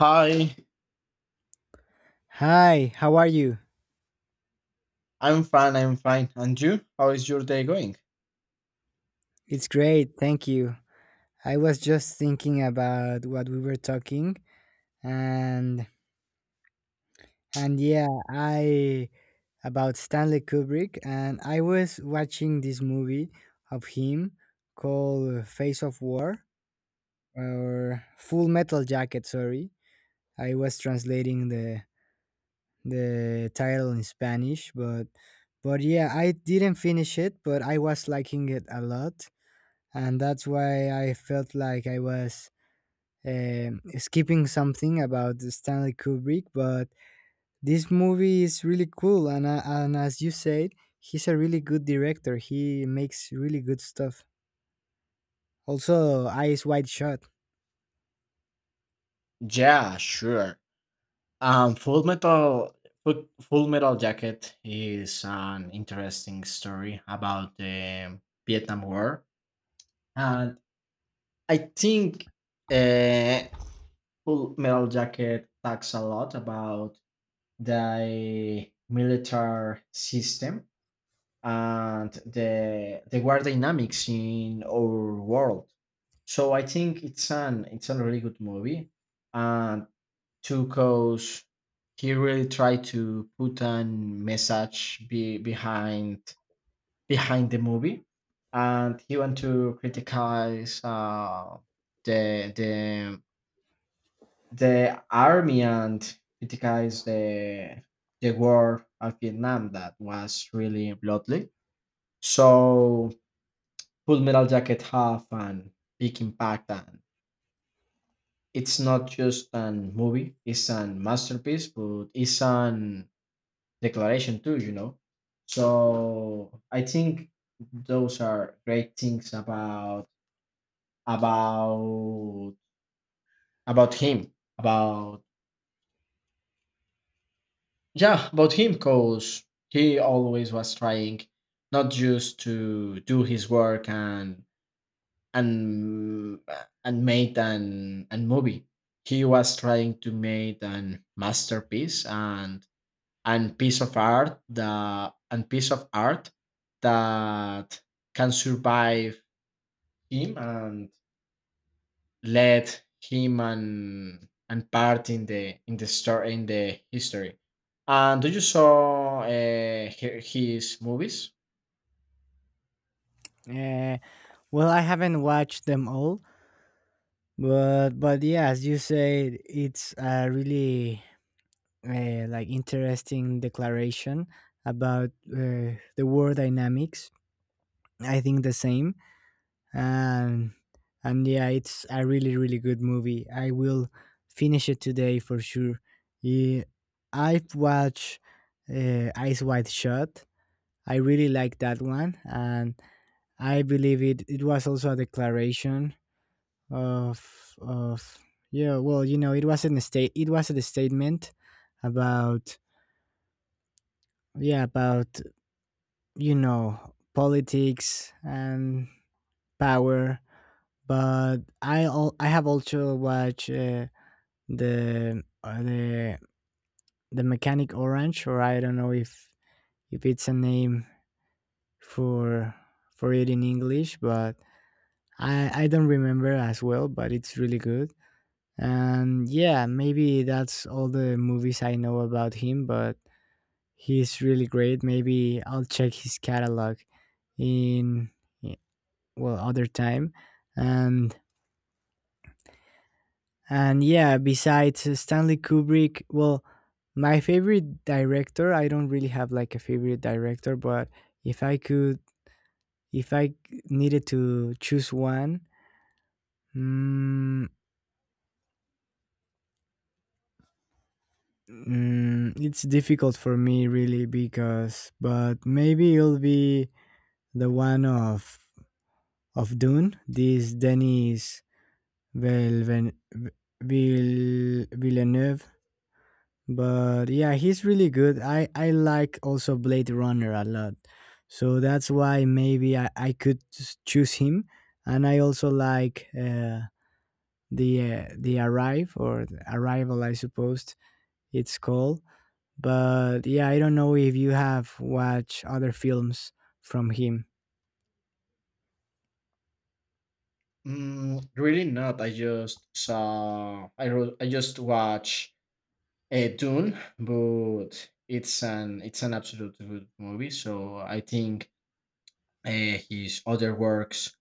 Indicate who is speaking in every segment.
Speaker 1: Hi,
Speaker 2: Hi, how are you?
Speaker 1: I'm fine, I'm fine. And you? How is your day going?
Speaker 2: It's great, thank you. I was just thinking about what we were talking and and yeah, I about Stanley Kubrick, and I was watching this movie of him called Face of War or Full Metal Jacket, sorry. I was translating the title in Spanish, but yeah, I didn't finish it, but I was liking it a lot, and that's why I felt like I was skipping something about Stanley Kubrick. But this movie is really cool, and as you said, he's a really good director. He makes really good stuff. Also, Eyes Wide Shut.
Speaker 1: Yeah, sure. Um, Full Metal Full Metal Jacket is an interesting story about the Vietnam War, and I think uh, Full Metal Jacket talks a lot about the military system and the war dynamics in our world. So I think it's a really good movie, and Tuco's he really tried to put a message behind behind the movie, and he want to criticize the the army and criticize the war of Vietnam that was really bloodly. So Full Metal Jacket have an big impact, and it's not just an movie; it's an masterpiece, but it's an declaration too, you know. So I think those are great things about about about him, about yeah, about him, because he always was trying not just to do his work and and made an a movie. He was trying to make an masterpiece and piece of art the and piece of art that can survive him and let him and part in the story in the history. And do you saw his movies?
Speaker 2: Uh, well, I haven't watched them all, but yeah, as you said, it's a really like interesting declaration about the war dynamics. I think the same, and and yeah, it's a really really good movie. I will finish it today for sure. Yeah, I've watched Eyes Wide Shut. I really like that one, and I believe it was also a declaration of yeah, well, you know, it was an state, it was a statement about, yeah, about, you know, politics and power. But I have also watched the the Mechanic Orange, or I don't know if it's a name for for it in English, but I don't remember as well. But it's really good, and yeah, maybe that's all the movies I know about him. But he's really great. Maybe I'll check his catalog in, well, other time. And And yeah, besides Stanley Kubrick, well, my favorite director, I don't really have like a favorite director, but if I could, if I needed to choose one, mm, it's difficult for me really because, but maybe it'll be the one of Dune, this Denis Villeneuve, Villeneuve. But yeah, he's really good. I like also Blade Runner a lot. So that's why maybe I could choose him. And I also like the arrive, or the arrival, I suppose it's called. But yeah, I don't know if you have watched other films from him.
Speaker 1: Mm, really not. I just saw. I wrote, I just watch Dune, but it's an absolute good movie. So I think his other works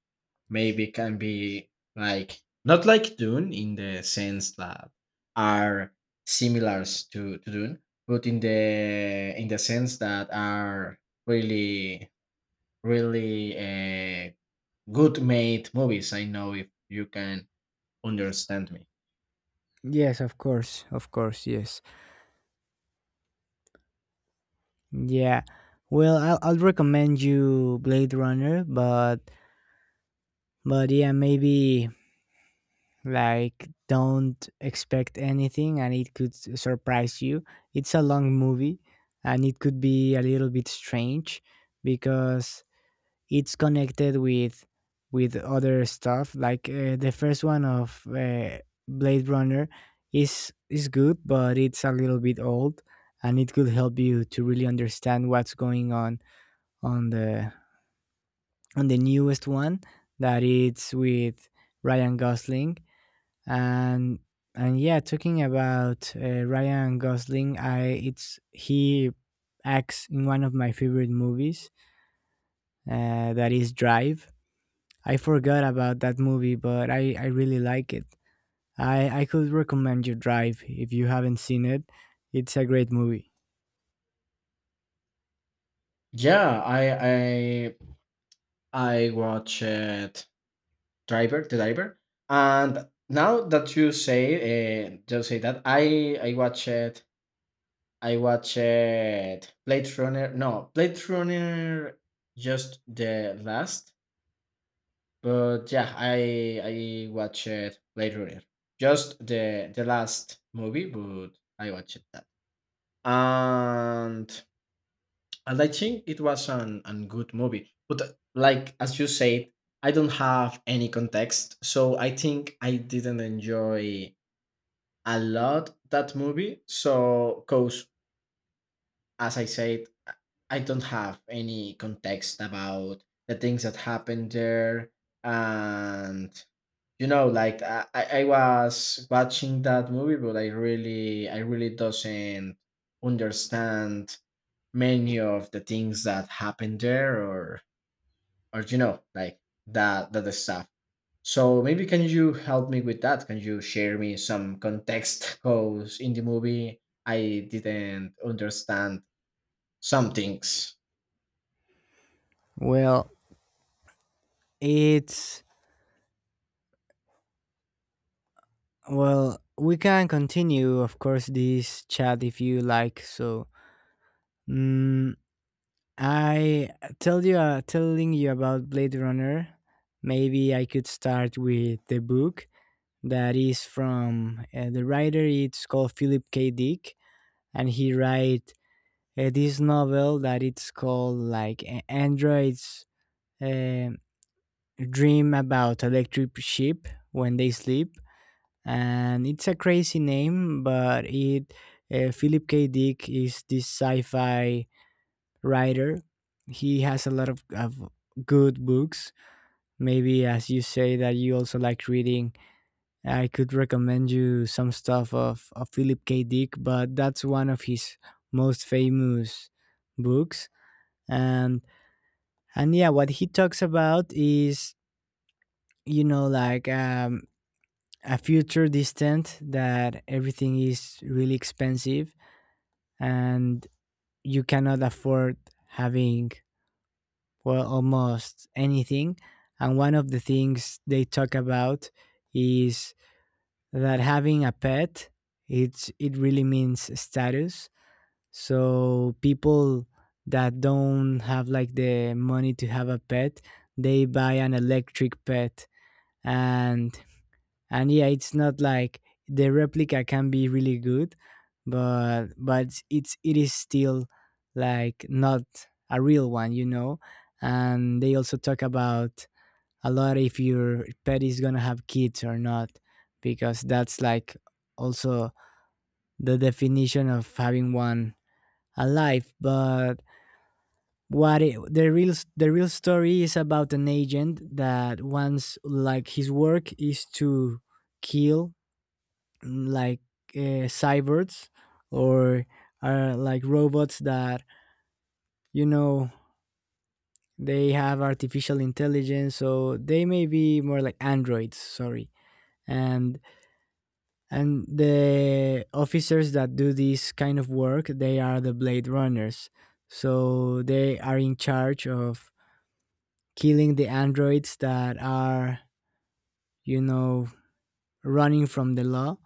Speaker 1: maybe can be like not like Dune in the sense that are similars to Dune, but in the sense that are really really good made movies. I know if you can understand me.
Speaker 2: Yes, of course, yes, yeah. Well, I'll recommend you Blade Runner, but yeah, maybe, like, don't expect anything and it could surprise you. It's a long movie, and it could be a little bit strange because it's connected with other stuff, like the first one of Blade Runner is good, but it's a little bit old, and it could help you to really understand what's going on the on the newest one, that it's with Ryan Gosling. and and yeah, talking about Ryan Gosling, I it's, he acts in one of my favorite movies, that is Drive. I forgot about that movie, but I really like it. I could recommend you Drive if you haven't seen it. It's a great movie.
Speaker 1: Yeah, I I watched driver the driver, and now that you say just say that I watched, I watched Blade Runner, no, Blade Runner just the last. But yeah, I watched Blade Runner just the last movie, but I watched that. and and I think it was an good movie. But like as you said, I don't have any context, so I think I didn't enjoy a lot that movie. So, cause as I said, I don't have any context about the things that happened there, and you know, like I was watching that movie, but I really doesn't understand many of the things that happened there or you know like that the stuff. So maybe can you help me with that? Can you share me some context because in the movie I didn't understand some things.
Speaker 2: Well, it's, well, we can continue, of course, this chat if you like. So, mm, I tell you, telling you about Blade Runner. Maybe I could start with the book that is from the writer. It's called Philip K. Dick, and he write this novel that it's called like Androids uh, Dream About Electric Sheep When They Sleep, and it's a crazy name, but it, Philip K. Dick is this sci-fi writer. He has a lot of good books. Maybe as you say that you also like reading, I could recommend you some stuff of Philip K. Dick, but that's one of his most famous books. And and yeah, what he talks about is, you know, like a future distant that everything is really expensive and you cannot afford having for almost anything. And one of the things they talk about is that having a pet, it really means status. So people that don't have like the money to have a pet, they buy an electric pet. and and yeah, it's not like the replica can be really good, but it's it is still like not a real one, you know. And they also talk about a lot if your pet is gonna have kids or not, because that's like also the definition of having one alive. But the real story is about an agent that wants, like, his work is to kill, like, cyborgs, or are like robots that, you know, they have artificial intelligence, so they may be more like androids, sorry. and and the officers that do this kind of work, they are the blade runners. So they are in charge of killing the androids that are, you know, running from the law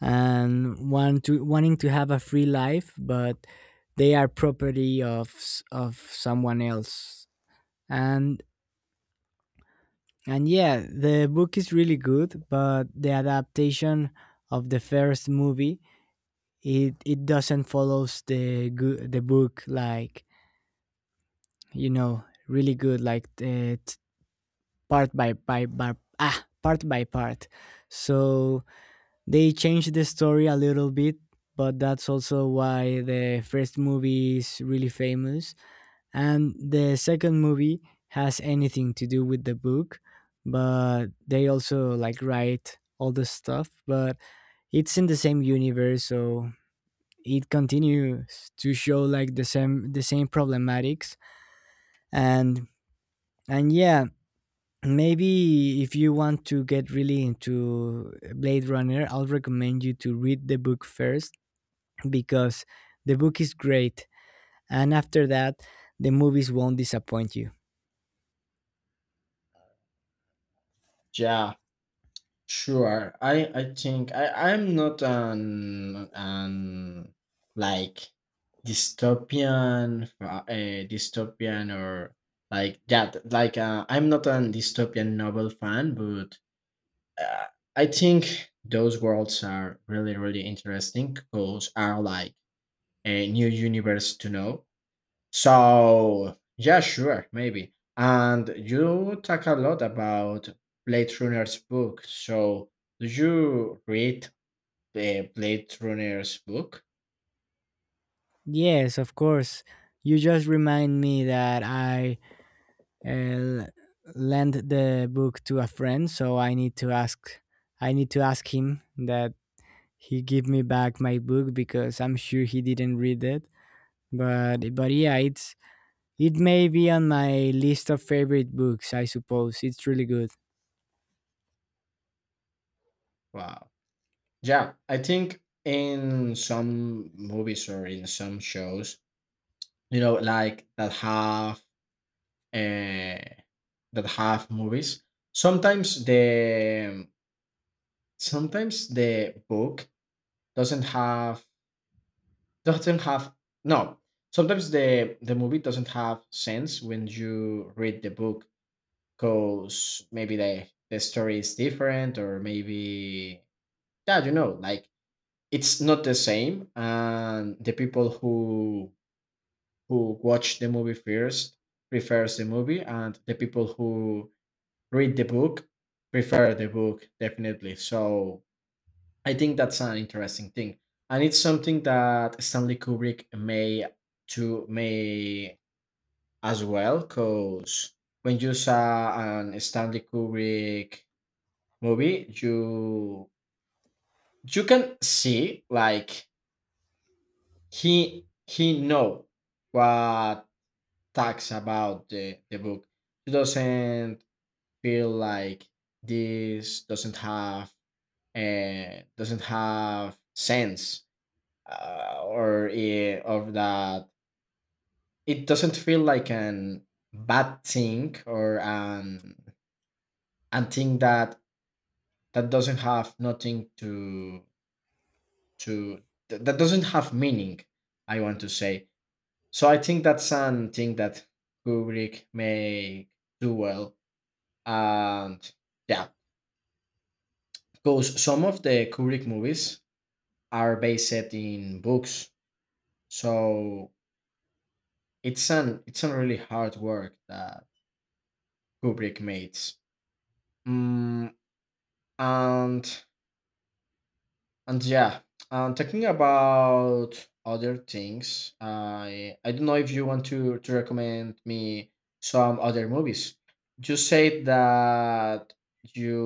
Speaker 2: and wanting to have a free life, but they are property of of someone else. And and yeah, the book is really good, but the adaptation of the first movie, it doesn't follows the good the book, like, you know, really good, like, part by, ah, part by part. So they changed the story a little bit, but that's also why the first movie is really famous. And the second movie has anything to do with the book, but they also like write all the stuff, but it's in the same universe. So it continues to show like the same problematics. and and yeah, maybe if you want to get really into Blade Runner, I'll recommend you to read the book first, because the book is great, and after that, the movies won't disappoint you.
Speaker 1: Yeah, sure. I think I'm not an like dystopian dystopian or like that like I'm not a dystopian novel fan. But uh, I think those worlds are really, really interesting because are like a new universe to know. So yeah, sure, maybe. And you talk a lot about Blade Runner's book. So do you read the Blade Runner's book?
Speaker 2: Yes, of course. You just remind me that I uh, lent the book to a friend, so I need to ask. I need to ask him that he give me back my book, because I'm sure he didn't read it. But yeah, it's, it may be on my list of favorite books. I suppose it's really good.
Speaker 1: Wow. Yeah, I think in some movies or in some shows, you know, like uh, that have movies. Sometimes the sometimes the book doesn't have doesn't have no. Sometimes the movie doesn't have sense when you read the book, because maybe the story is different or maybe, yeah, you know, like it's not the same, and the people who watch the movie first prefers the movie, and the people who read the book, prefer the book, definitely. So I think that's an interesting thing. And it's something that Stanley Kubrick may to may as well, because when you saw an Stanley Kubrick movie, you can see like he know what talks about the book. He doesn't feel like this doesn't have sense or of that. It doesn't feel like an bad thing or an and thing that that doesn't have nothing to that that doesn't have meaning, I want to say. So I think that's something thing that Kubrick may do well. And yeah, because some of the Kubrick movies are based in books, so it's an really hard work that Kubrick made. Mm, and and yeah, and talking about other things, I don't know if you want to recommend me some other movies. You said that you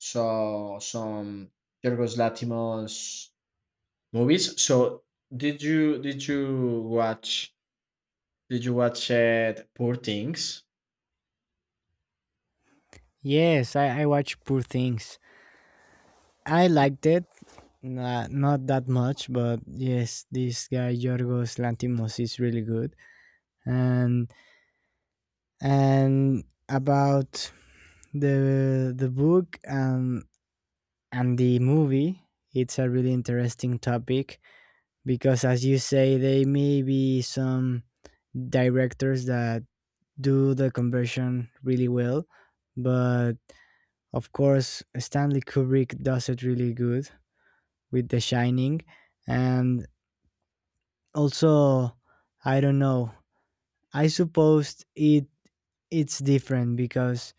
Speaker 1: saw some Yorgos Lanthimos movies. So did you watch did you watch it Poor Things?
Speaker 2: Yes, I watched Poor Things. I liked it. Not that much, but yes, this guy Yorgos Lantimos is really good. And and about the book and the movie, it's a really interesting topic, because, as you say, there may be some directors that do the conversion really well, but of course, Stanley Kubrick does it really good with The Shining, and also, I don't know, I suppose it, it's different because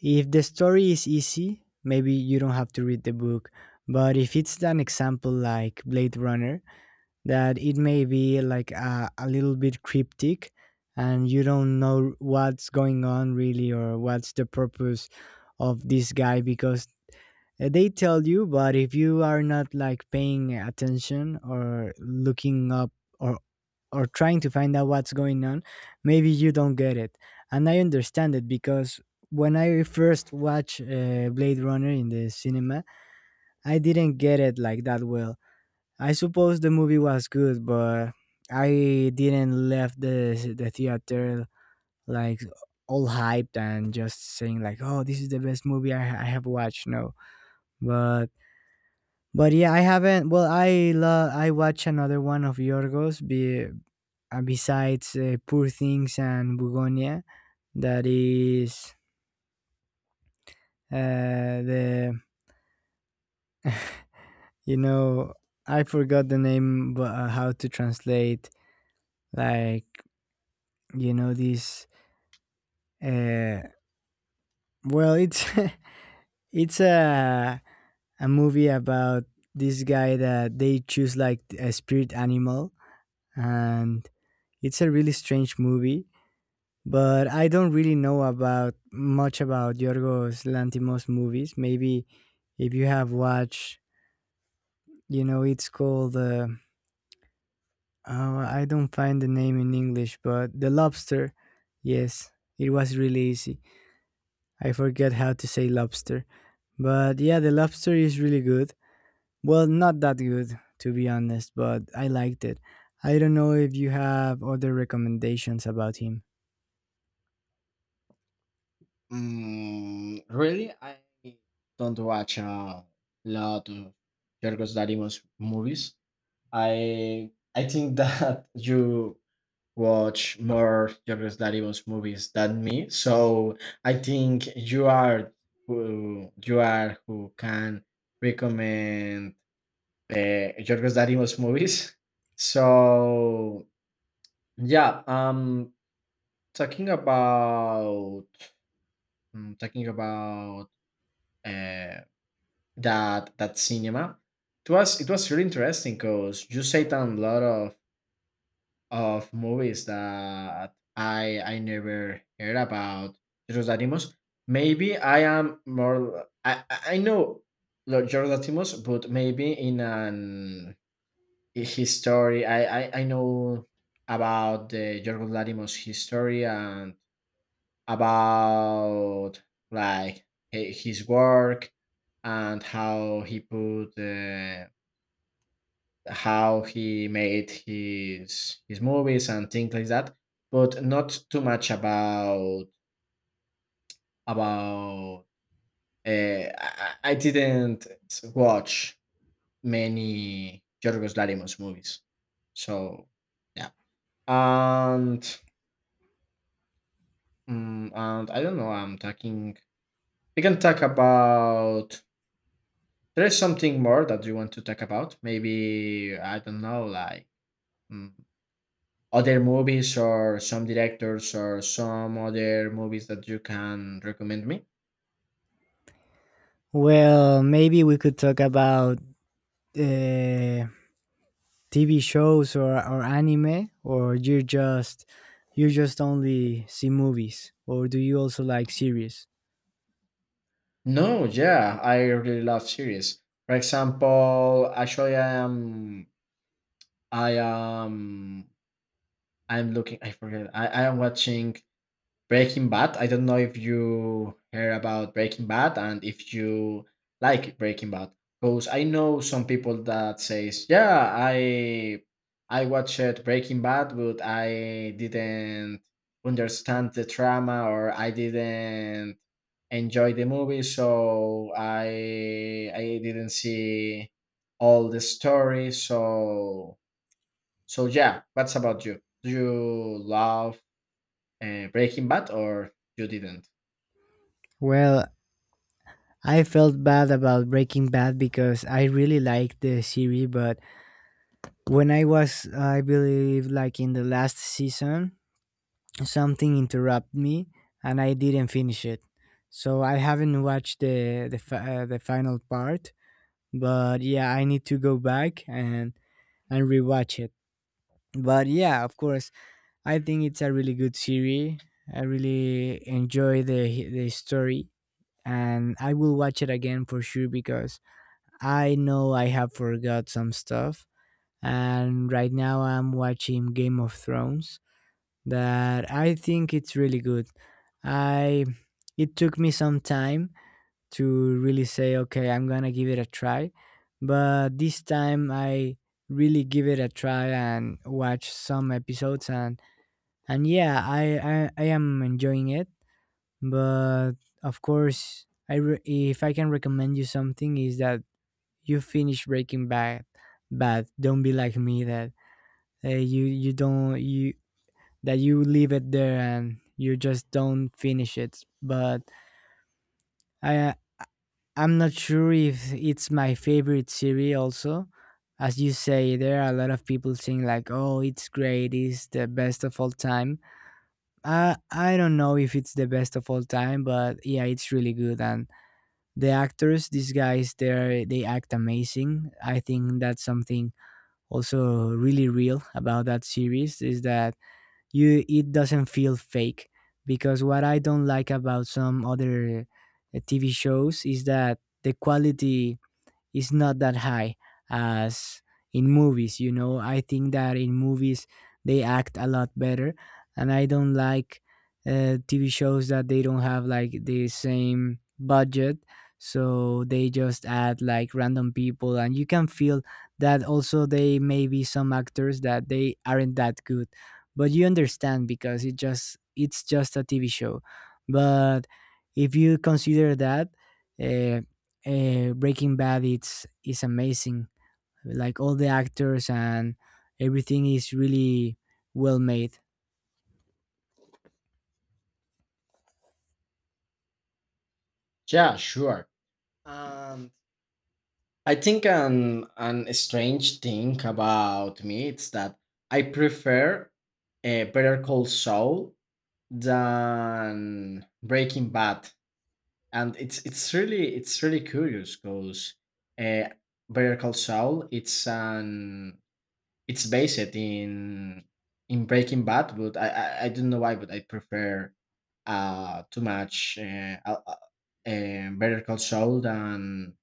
Speaker 2: if the story is easy maybe you don't have to read the book. But if it's an example like Blade Runner, that it may be like a little bit cryptic and you don't know what's going on really, or what's the purpose of this guy, because they tell you. But if you are not like paying attention or looking up or or trying to find out what's going on, maybe you don't get it. And I understand it because when I first watched Blade Runner in the cinema, I didn't get it like that well. I suppose the movie was good, but I didn't left the theater like all hyped and just saying like, "Oh, this is the best movie I have watched." No, but yeah, I haven't. Well, I love. I watch another one of Yorgos, be besides Poor Things and Bugonia. That is the, you know, I forgot the name, but how to translate, like, you know, this. Uh, well, it's it's a movie about this guy that they choose like a spirit animal, and it's a really strange movie. But I don't really know about much about Yorgos Lantimos movies. Maybe if you have watched, you know, it's called. Oh, I don't find the name in English, but The Lobster. Yes, it was really easy. I forget how to say lobster, but yeah, The Lobster is really good. Well, not that good to be honest, but I liked it. I don't know if you have other recommendations about him.
Speaker 1: Mm, really, I don't watch a lot of Yorgos Lanthimos movies. I think that you watch more Yorgos Lanthimos movies than me. So I think you are who can recommend Yorgos Lanthimos movies. So yeah, talking about talking about. Uh, that that cinema. It was really interesting because you said a lot of movies that I never heard about Jordatimos. Maybe I am more I know Jordatimos, but maybe in an his story I know about the Jordatimos history and about like his work and how he put how he made his movies and things like that, but not too much about about. I didn't watch many Yorgos Lanthimos movies, so yeah. And I don't know. I'm talking. We can talk about. There is something more that you want to talk about. Maybe I don't know, like. mm, Other movies or some directors or some other movies that you can recommend me?
Speaker 2: Well, maybe we could talk about uh, TV shows, or anime, or you're just, you just only see movies, or do you also like series?
Speaker 1: No, yeah, I really love series. For example, actually, I am, I'm looking. I forget. I am watching Breaking Bad. I don't know if you heard about Breaking Bad and if you like Breaking Bad, because I know some people that says, "Yeah, I watched Breaking Bad, but I didn't understand the drama or I didn't enjoy the movie, so I didn't see all the story." So so yeah, what's about you? Do you love Breaking Bad, or you didn't?
Speaker 2: Well, I felt bad about Breaking Bad because I really liked the series, but when I was, I believe, like in the last season, something interrupted me and I didn't finish it. So I haven't watched the the final part, but yeah, I need to go back and rewatch it. But yeah, of course, I think it's a really good series. I really enjoy the story, and I will watch it again for sure because I know I have forgot some stuff. And right now I'm watching Game of Thrones, that I think it's really good. I it took me some time to really say, okay, I'm gonna give it a try, but this time I really give it a try and watch some episodes and yeah I am enjoying it, but of course, if I can recommend you something is that you finish Breaking Bad, but don't be like me that you you don't you that you leave it there and you just don't finish it. But I, I'm not sure if it's my favorite series. Also, as you say, there are a lot of people saying like, oh, it's great, it's the best of all time. I don't know if it's the best of all time, but yeah, it's really good. And the actors, these guys, they act amazing. I think that's something also really real about that series is that you it doesn't feel fake. Because what I don't like about some other TV shows is that the quality is not that high as in movies. You know, I think that in movies they act a lot better, and I don't like TV shows that they don't have like the same budget, so they just add like random people, and you can feel that also they may be some actors that they aren't that good, but you understand because it's just a TV show, but if you consider that. Uh, Breaking Bad it's is amazing. Like all the actors and everything is really well made.
Speaker 1: Yeah, sure. And I think an strange thing about me it's that I prefer a Better Call Saul than Breaking Bad, and it's really curious because uh, Better Call Saul it's an. It's based in Breaking Bad, but I don't know why, but I prefer too much Better Call Saul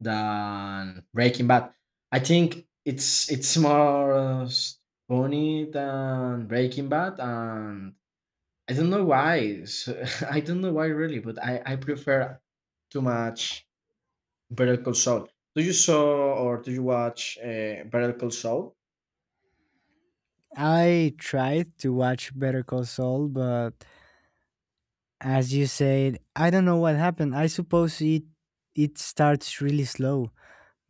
Speaker 1: than Breaking Bad. I think it's more funny than Breaking Bad, and I don't know why. So, I don't know why really, but I prefer too much Better Call Saul. Do you saw or do you watch Better Call Saul?
Speaker 2: I tried to watch Better Call Saul, but as you said, I don't know what happened. I suppose it starts really slow,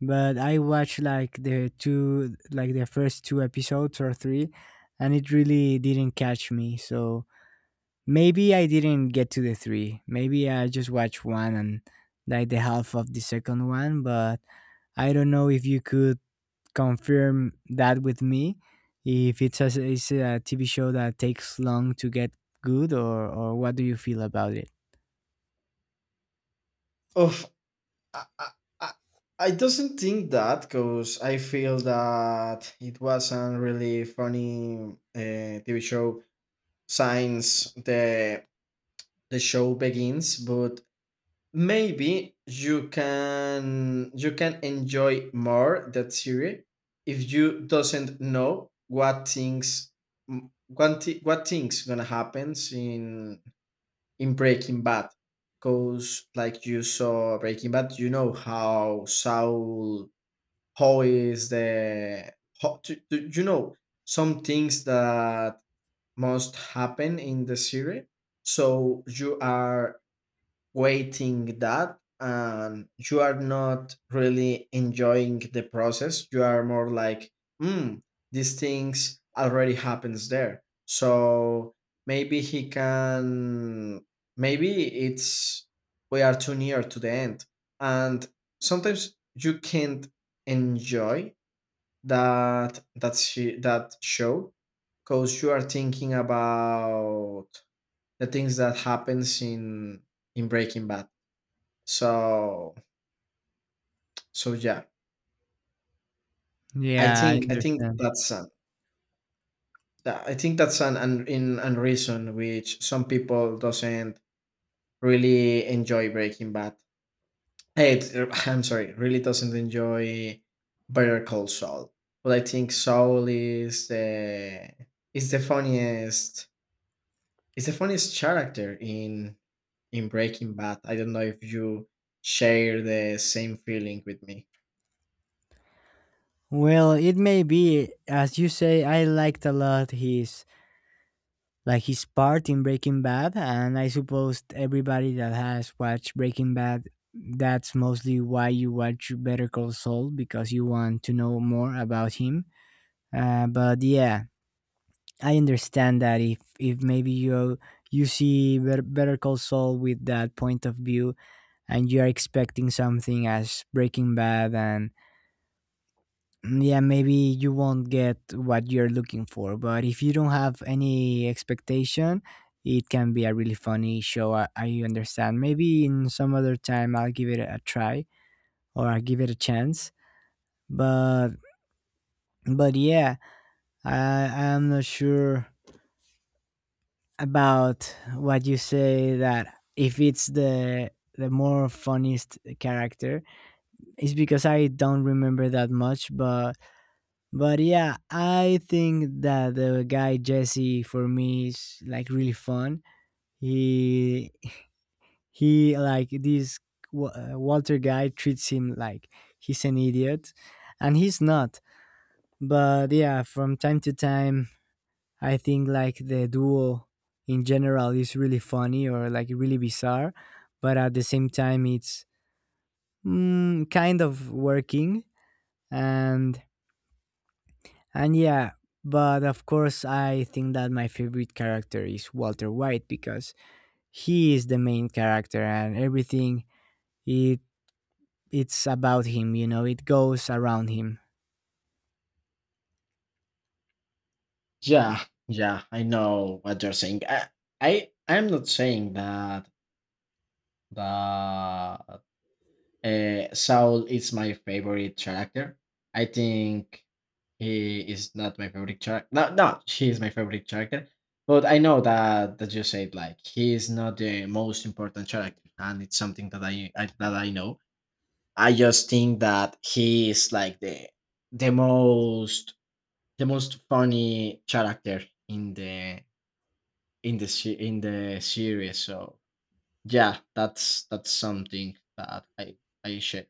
Speaker 2: but I watched like the first two episodes or three, and it really didn't catch me. So maybe I didn't get to the three. Maybe I just watched one and like the half of the second one, but I don't know if you could confirm that with me. If it's a TV show that takes long to get good, or what do you feel about it?
Speaker 1: Oh, I, I, I I doesn't think that because I feel that it wasn't really funny TV show since the show begins, but maybe you can enjoy more that series if you doesn't know what things what things gonna happen in Breaking Bad, because like you saw Breaking Bad, you know how Saul how is the how, do, do you know some things that must happen in the series, so you are waiting that and you are not really enjoying the process. You are more like, "Hmm, these things already happens there, so maybe he can maybe it's we are too near to the end, and sometimes you can't enjoy that show because you are thinking about the things that happens in Breaking Bad." So so yeah, I
Speaker 2: Yeah, I
Speaker 1: think
Speaker 2: understand.
Speaker 1: that's an yeah, I think that's an reason which some people doesn't really enjoy Breaking Bad. Hey, I'm sorry, really doesn't enjoy Better Call Saul. But I think Saul is the is the funniest is the funniest character in Breaking Bad. I don't know if you share the same feeling with me.
Speaker 2: Well, it may be. As you say, I liked a lot his part in Breaking Bad, and I suppose everybody that has watched Breaking Bad, that's mostly why you watch Better Call Saul, because you want to know more about him. But yeah, I understand that if maybe you see Better Call Saul with that point of view, and you are expecting something as Breaking Bad, and mm, yeah, maybe you won't get what you're looking for. But if you don't have any expectation, it can be a really funny show. I understand, maybe in some other time I'll give it a try or I'll give it a chance. but but yeah, i I'm not sure about what you say, that if it's the more funniest character, it's because I don't remember that much. But yeah, I think that the guy Jesse for me is like really fun. He he like this Walter guy treats him like he's an idiot, and he's not. But yeah, from time to time, I think like the duo in general is really funny or like really bizarre, but at the same time, it's kind of working. and And yeah, but of course, I think that my favorite character is Walter White, because he is the main character and everything, it it's about him, you know, it goes around him.
Speaker 1: Yeah, yeah, I know what you're saying. I'm not saying that that Saul is my favorite character. I think he is not my favorite character. No, no, she is my favorite character. But I know that that you said like he is not the most important character, and it's something that I that I know. I just think that he is like the the most most funny character in the in the series. So yeah, that's something that I share.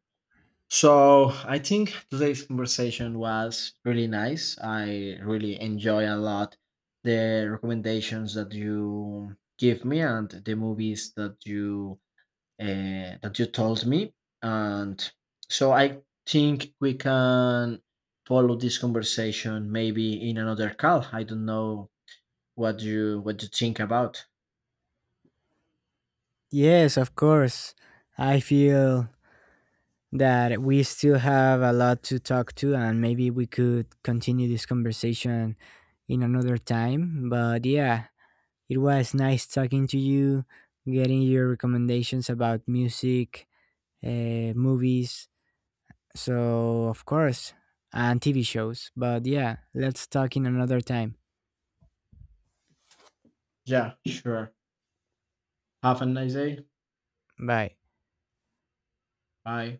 Speaker 1: So I think today's conversation was really nice. I really enjoy a lot the recommendations that you give me and the movies that you told me. And so I think we can follow this conversation maybe in another call. I don't know what you think about.
Speaker 2: Yes, of course. I feel that we still have a lot to talk to, and maybe we could continue this conversation in another time. But yeah, it was nice talking to you, getting your recommendations about music, movies, so, of course, and TV shows. But yeah, let's talk in another time.
Speaker 1: Yeah, sure. Have a nice day.
Speaker 2: Bye.
Speaker 1: Bye.